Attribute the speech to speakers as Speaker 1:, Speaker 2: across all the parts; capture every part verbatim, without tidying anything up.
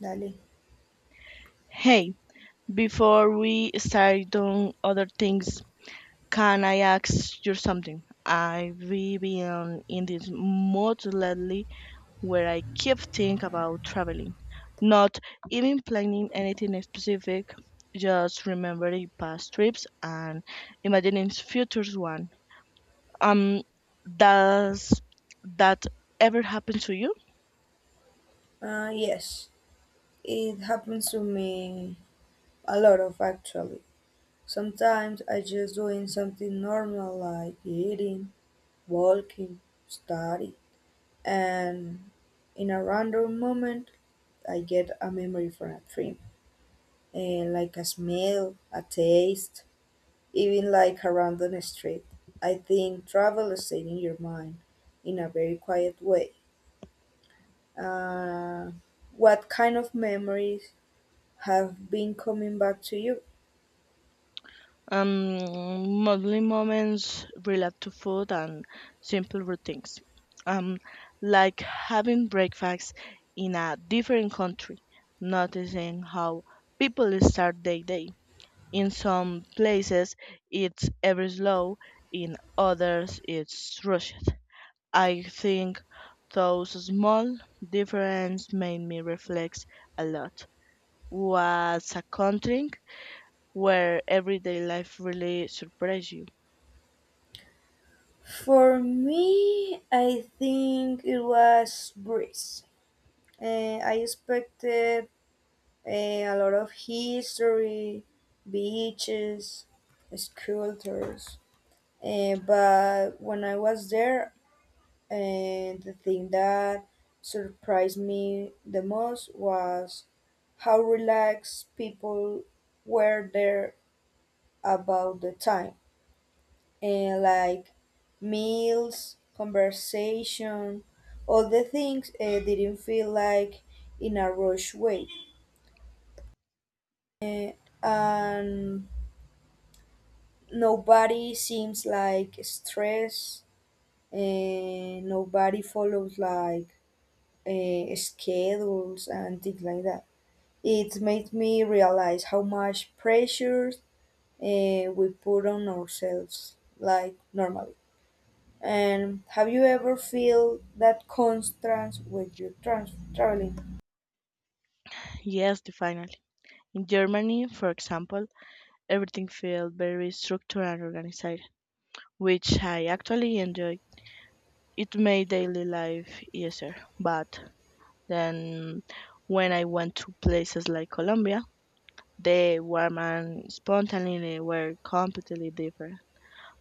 Speaker 1: Dale.
Speaker 2: Hey, before we start doing other things, can I ask you something? I've been in this mood lately where I keep thinking about traveling, not even planning anything specific, just remembering past trips and imagining future one. Um, does that ever happen to you?
Speaker 1: Uh, yes, it happens to me a lot of actually. Sometimes I just doing something normal like eating, walking, study, and in a random moment I get a memory from a dream, and like a smell, a taste, even like a random street. I think travel stays in your mind in a very quiet way. Uh, what kind of memories have been coming back to you?
Speaker 2: Um, modeling moments relate to food and simple routines, um, like having breakfast in a different country, noticing how people start their day. In some places, it's ever slow, in others, it's rushed. I think those small differences made me reflect a lot. Was a country where everyday life really surprised you?
Speaker 1: For me, I think it was Greece. Uh, I expected eh, a lot of history, beaches, sculptures, eh, but when I was there, eh, the thing that surprised me the most was how relaxed people were there about the time and like meals, conversation, all the things uh, didn't feel like in a rush way. Eh, and nobody seems like stressed, and nobody follows like uh, schedules and things like that. It made me realize how much pressure uh, we put on ourselves, like normally. And have you ever feel that constraint when you're trans- traveling?
Speaker 2: Yes, definitely. In Germany, for example, everything felt very structured and organized, which I actually enjoyed. It made daily life easier. But then when I went to places like Colombia, the warm and spontaneity were completely different.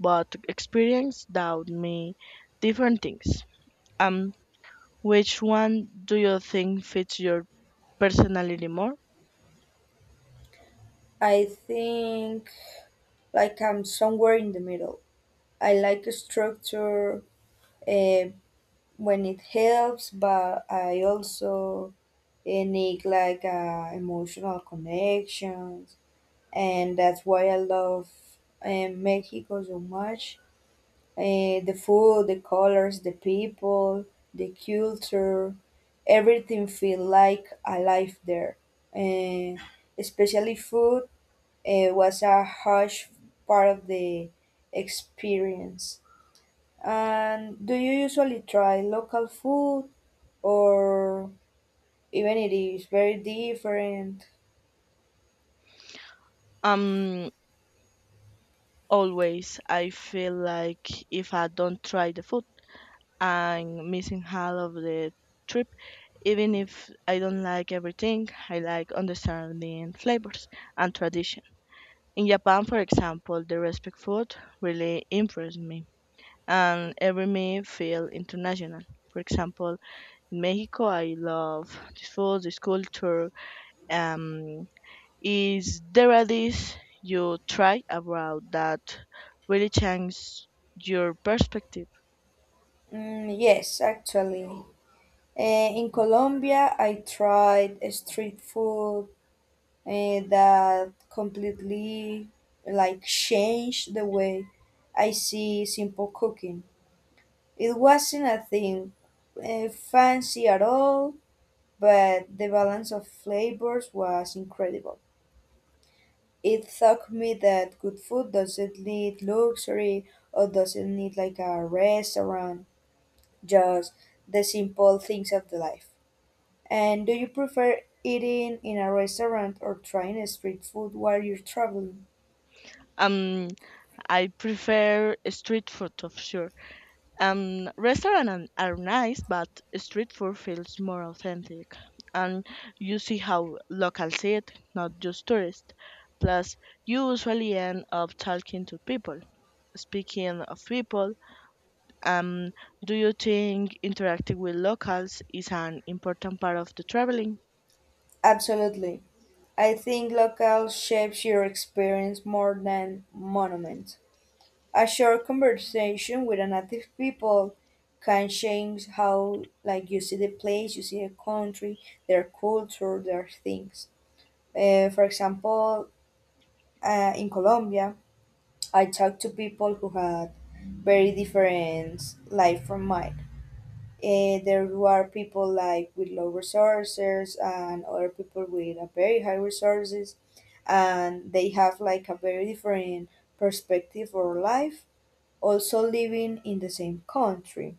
Speaker 2: But experience taught me different things. Um, which one do you think fits your personality more?
Speaker 1: I think like I'm somewhere in the middle. I like a structure uh, when it helps, but I also eh, need like uh, emotional connections, and that's why I love eh, Mexico so much. Eh, the food, the colors, the people, the culture, everything feel like alive there. Eh, especially food eh, was a huge part of the experience. And do you usually try local food or even it is very different?
Speaker 2: Um, Always, I feel like if I don't try the food, I'm missing half of the trip. Even if I don't like everything, I like understanding flavors and tradition. In Japan, for example, the respect food really impressed me, and every meal feel international. For example, in Mexico, I love this food, this culture, um, is there a dish you try about that really changed your perspective?
Speaker 1: Mm, yes, actually. Eh, in Colombia, I tried street food eh, that completely like changed the way I see simple cooking. It wasn't a thing uh, fancy at all, but the balance of flavors was incredible. It taught me that good food doesn't need luxury or doesn't need like a restaurant, just the simple things of the life. And do you prefer eating in a restaurant or trying street food while you're traveling?
Speaker 2: Um, I prefer street food of sure. Um, restaurant an- are nice, but street food feels more authentic, and you see how locals see it, not just tourists. Plus, you usually end up talking to people. Speaking of people, Um, do you think interacting with locals is an important part of the traveling?
Speaker 1: Absolutely. I think locale shapes your experience more than monuments. A short conversation with a native people can change how like you see the place, you see the country, their culture, their things. Uh, for example, uh, in Colombia, I talked to people who had very different life from mine. Eh, there were people like with low resources and other people with a very high resources, and they have like a very different perspective or life. Also living in the same country,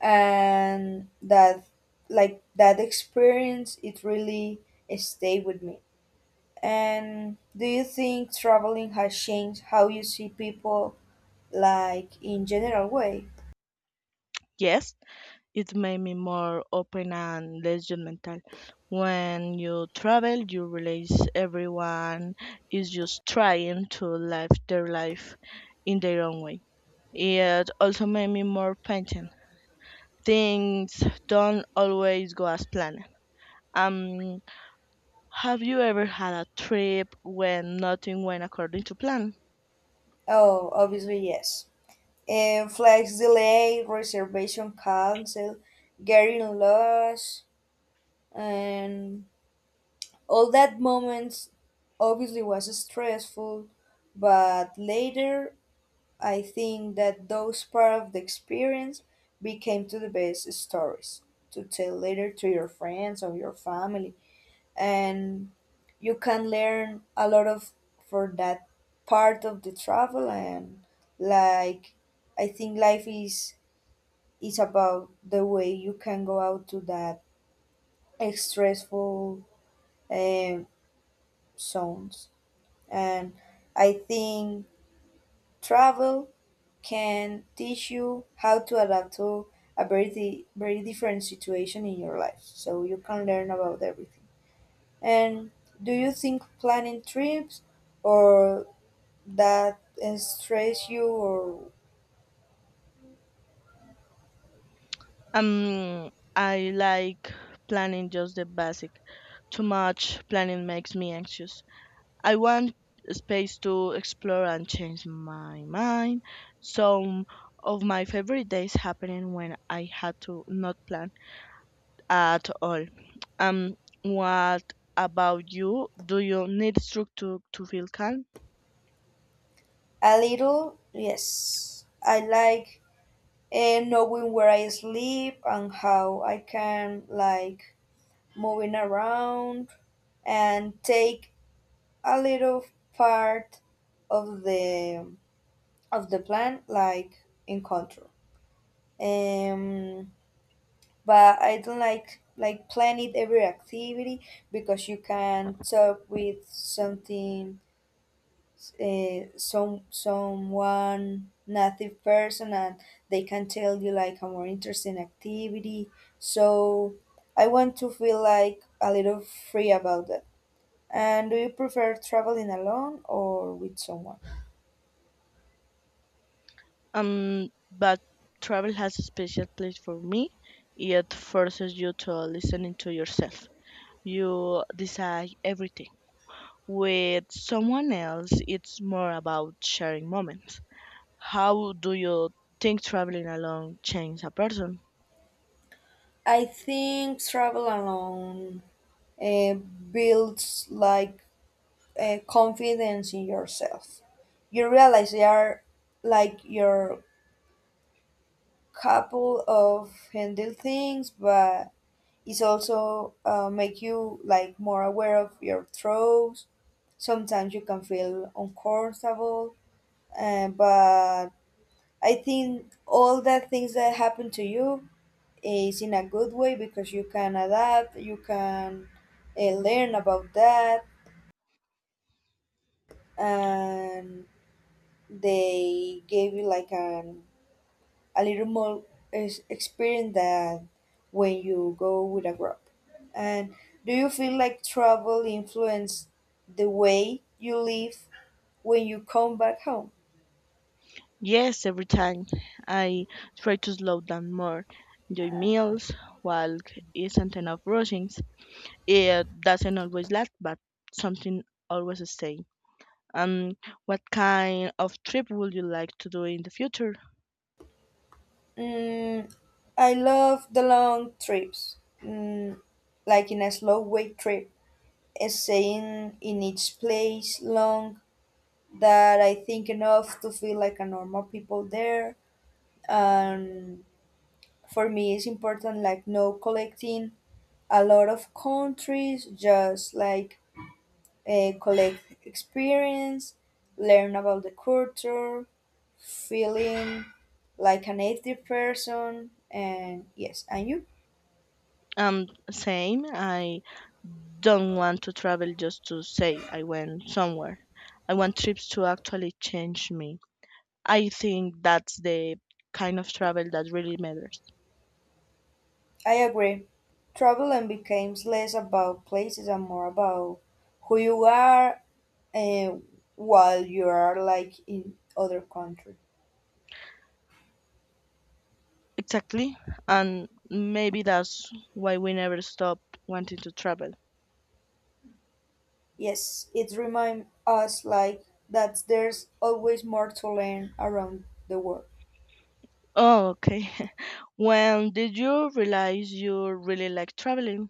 Speaker 1: and that like that experience, it really stayed with me. And do you think traveling has changed how you see people, like in general way?
Speaker 2: Yes, it made me more open and less judgmental. When you travel, you realize everyone is just trying to live their life in their own way. It also made me more patient. Things don't always go as planned. Um, have you ever had a trip when nothing went according to plan?
Speaker 1: Oh, obviously yes. And flights delay, reservation cancel, getting lost, and all that moments obviously was stressful, but later I think that those part of the experience became to the best stories to tell later to your friends or your family, and you can learn a lot of for that part of the travel and like I think life is it's about the way you can go out to that stressful um, zones. And I think travel can teach you how to adapt to a very, di- very different situation in your life. So you can learn about everything. And do you think planning trips or that stress you or
Speaker 2: Um, I like planning just the basic. Too much planning makes me anxious. I want space to explore and change my mind. Some of my favorite days happening when I had to not plan at all. Um, what about you? Do you need structure to feel calm?
Speaker 1: a little? Yes. I like and knowing where I sleep and how I can like moving around and take a little part of the of the plan like in control. Um, but I don't like like plan it every activity because you can talk with something uh, some someone native person and they can tell you like a more interesting activity, so I want to feel like a little free about that. And do you prefer traveling alone or with someone?
Speaker 2: Um, but travel has a special place for me. It forces you to listening to yourself. You decide everything. With someone else, it's more about sharing moments. How do you think traveling alone changes a person?
Speaker 1: I think travel alone uh, builds like uh, confidence in yourself. You realize you are like your couple of handle things, but is also uh, make you like more aware of your throws. Sometimes you can feel uncomfortable, uh, but I think all the things that happen to you is in a good way because you can adapt, you can uh, learn about that, and they gave you like an a little more is experience than when you go with a group. And do you feel like travel influenced the way you live when you come back home?
Speaker 2: Yes, every time I try to slow down more, enjoy meals, walk isn't enough rushing. It doesn't always last, but something always stays. Um, what kind of trip would you like to do in the future?
Speaker 1: Mm, I love the long trips, mm, like in a slow way trip, is staying in each place long that I think enough to feel like a normal people there. And for me it's important like no collecting a lot of countries, just like uh, collect experience, learn about the culture, feeling like a native person. And yes, and you.
Speaker 2: Um, same. I don't want to travel just to say I went somewhere. I want trips to actually change me. I think that's the kind of travel that really matters.
Speaker 1: I agree, travel and becomes less about places and more about who you are uh, while you are like in other country.
Speaker 2: Exactly. And maybe that's why we never stop wanting to travel.
Speaker 1: Yes, it reminds us like that there's always more to learn around the world.
Speaker 2: Oh, okay. When did you realize you really like traveling?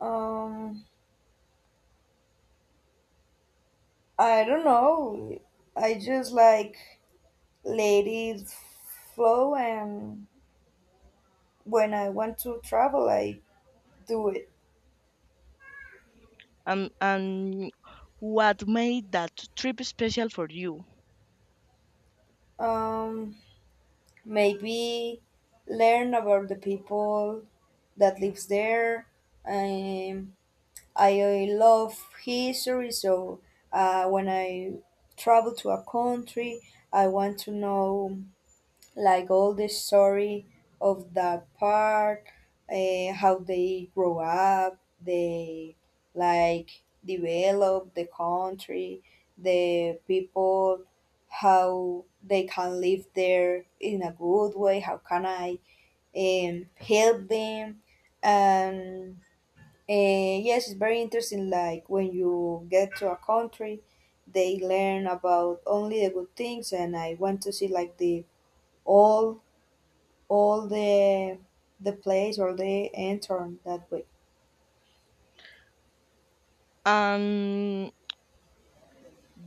Speaker 1: Um, I don't know. I just like let it flow, and when I want to travel, I do it.
Speaker 2: Um, and what made that trip special for you?
Speaker 1: Um, maybe learn about the people that lives there. Um, I love history, so uh, when I travel to a country, I want to know like all the story of that part, uh, how they grow up, they like develop the country, the people, how they can live there in a good way, how can I um, help them, and and yes, it's very interesting. Like when you get to a country, they learn about only the good things, and I want to see like the all all the the place or the entorn that way.
Speaker 2: And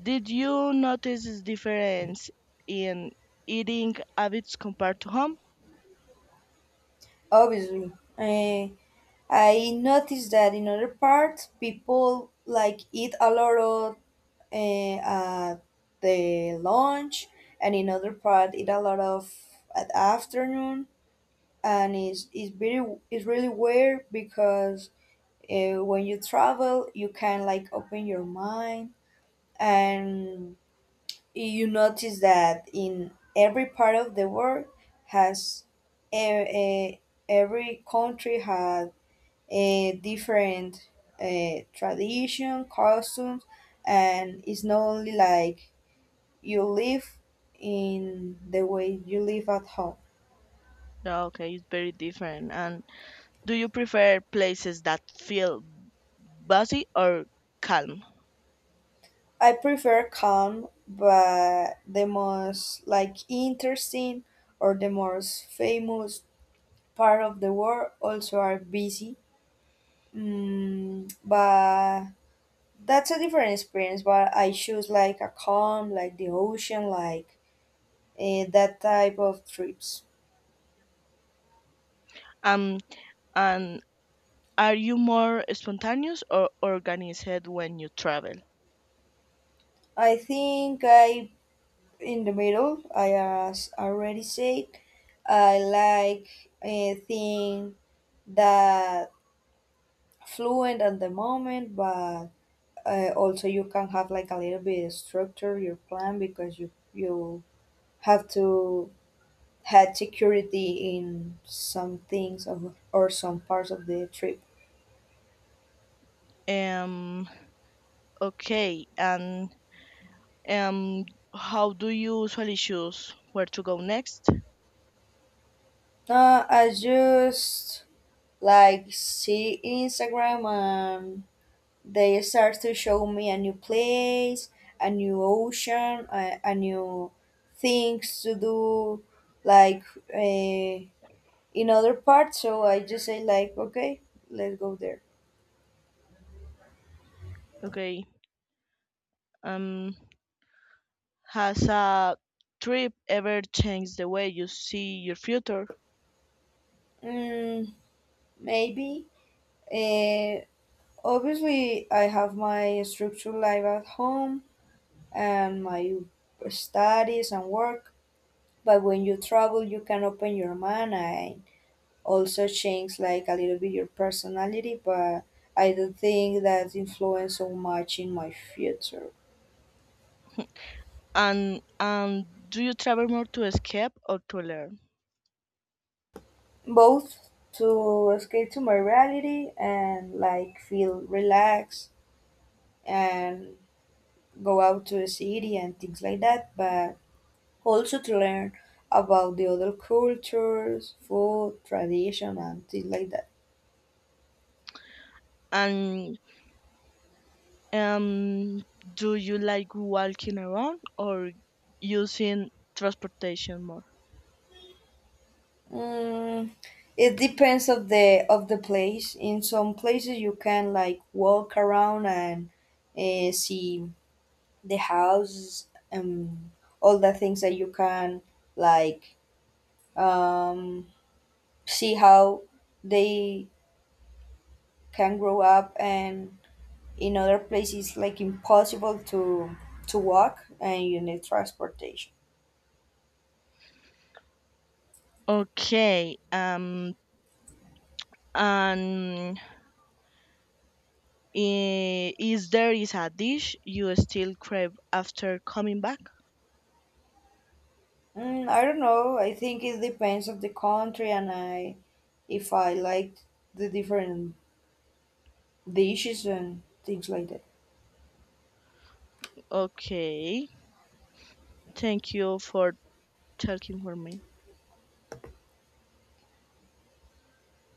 Speaker 2: did you notice this difference in eating habits compared to home?
Speaker 1: Obviously, Eh, I noticed that in other parts, people like eat a lot of uh, at the lunch, and in other part eat a lot of at afternoon, and it's it's very it's really weird because uh, when you travel you can like open your mind and you notice that in every part of the world has a, every country has a different uh, tradition customs, and it's not only like you live in the way you live at home.
Speaker 2: No. Okay, it's very different. And do you prefer places that feel busy or calm?
Speaker 1: I prefer calm, but the most like interesting or the most famous part of the world also are busy. Mm, but that's a different experience. But I choose like a calm, like the ocean, like eh, that type of trips.
Speaker 2: Um, and are you more spontaneous or organized when you travel?
Speaker 1: I think I in the middle. I as already said, I like a thing that fluent at the moment, but uh, also you can have like a little bit of structure your plan because you you have to have security in some things of, or some parts of the trip.
Speaker 2: Um, okay, and um, how do you usually choose where to go next?
Speaker 1: Uh, i just like see Instagram and they start to show me a new place, a new ocean, a, a new things to do, like uh, in other parts, so I just say like okay, let's go there.
Speaker 2: Okay. um, Has a trip ever changed the way you see your future?
Speaker 1: Mm, maybe. Uh, obviously, I have my structured life at home and my studies and work. But when you travel, you can open your mind and also change like a little bit your personality. But I don't think that influenced so much in my future.
Speaker 2: And and do you travel more to escape or to learn?
Speaker 1: Both to escape to my reality and like feel relaxed and go out to the city and things like that. But also to learn about the other cultures, food, tradition, and things like that.
Speaker 2: And um, do you like walking around or using transportation more?
Speaker 1: Mm, it depends of the of the place. In some places, you can like walk around and uh, see the houses and all the things that you can like um, see how they can grow up. And in other places, like impossible to to walk, and you need transportation.
Speaker 2: Okay. Um. And i- is there is a dish you still crave after coming back?
Speaker 1: Mm, I don't know. I think it depends of the country, and I if I like the different dishes and things like that.
Speaker 2: Okay. Thank you for talking for me.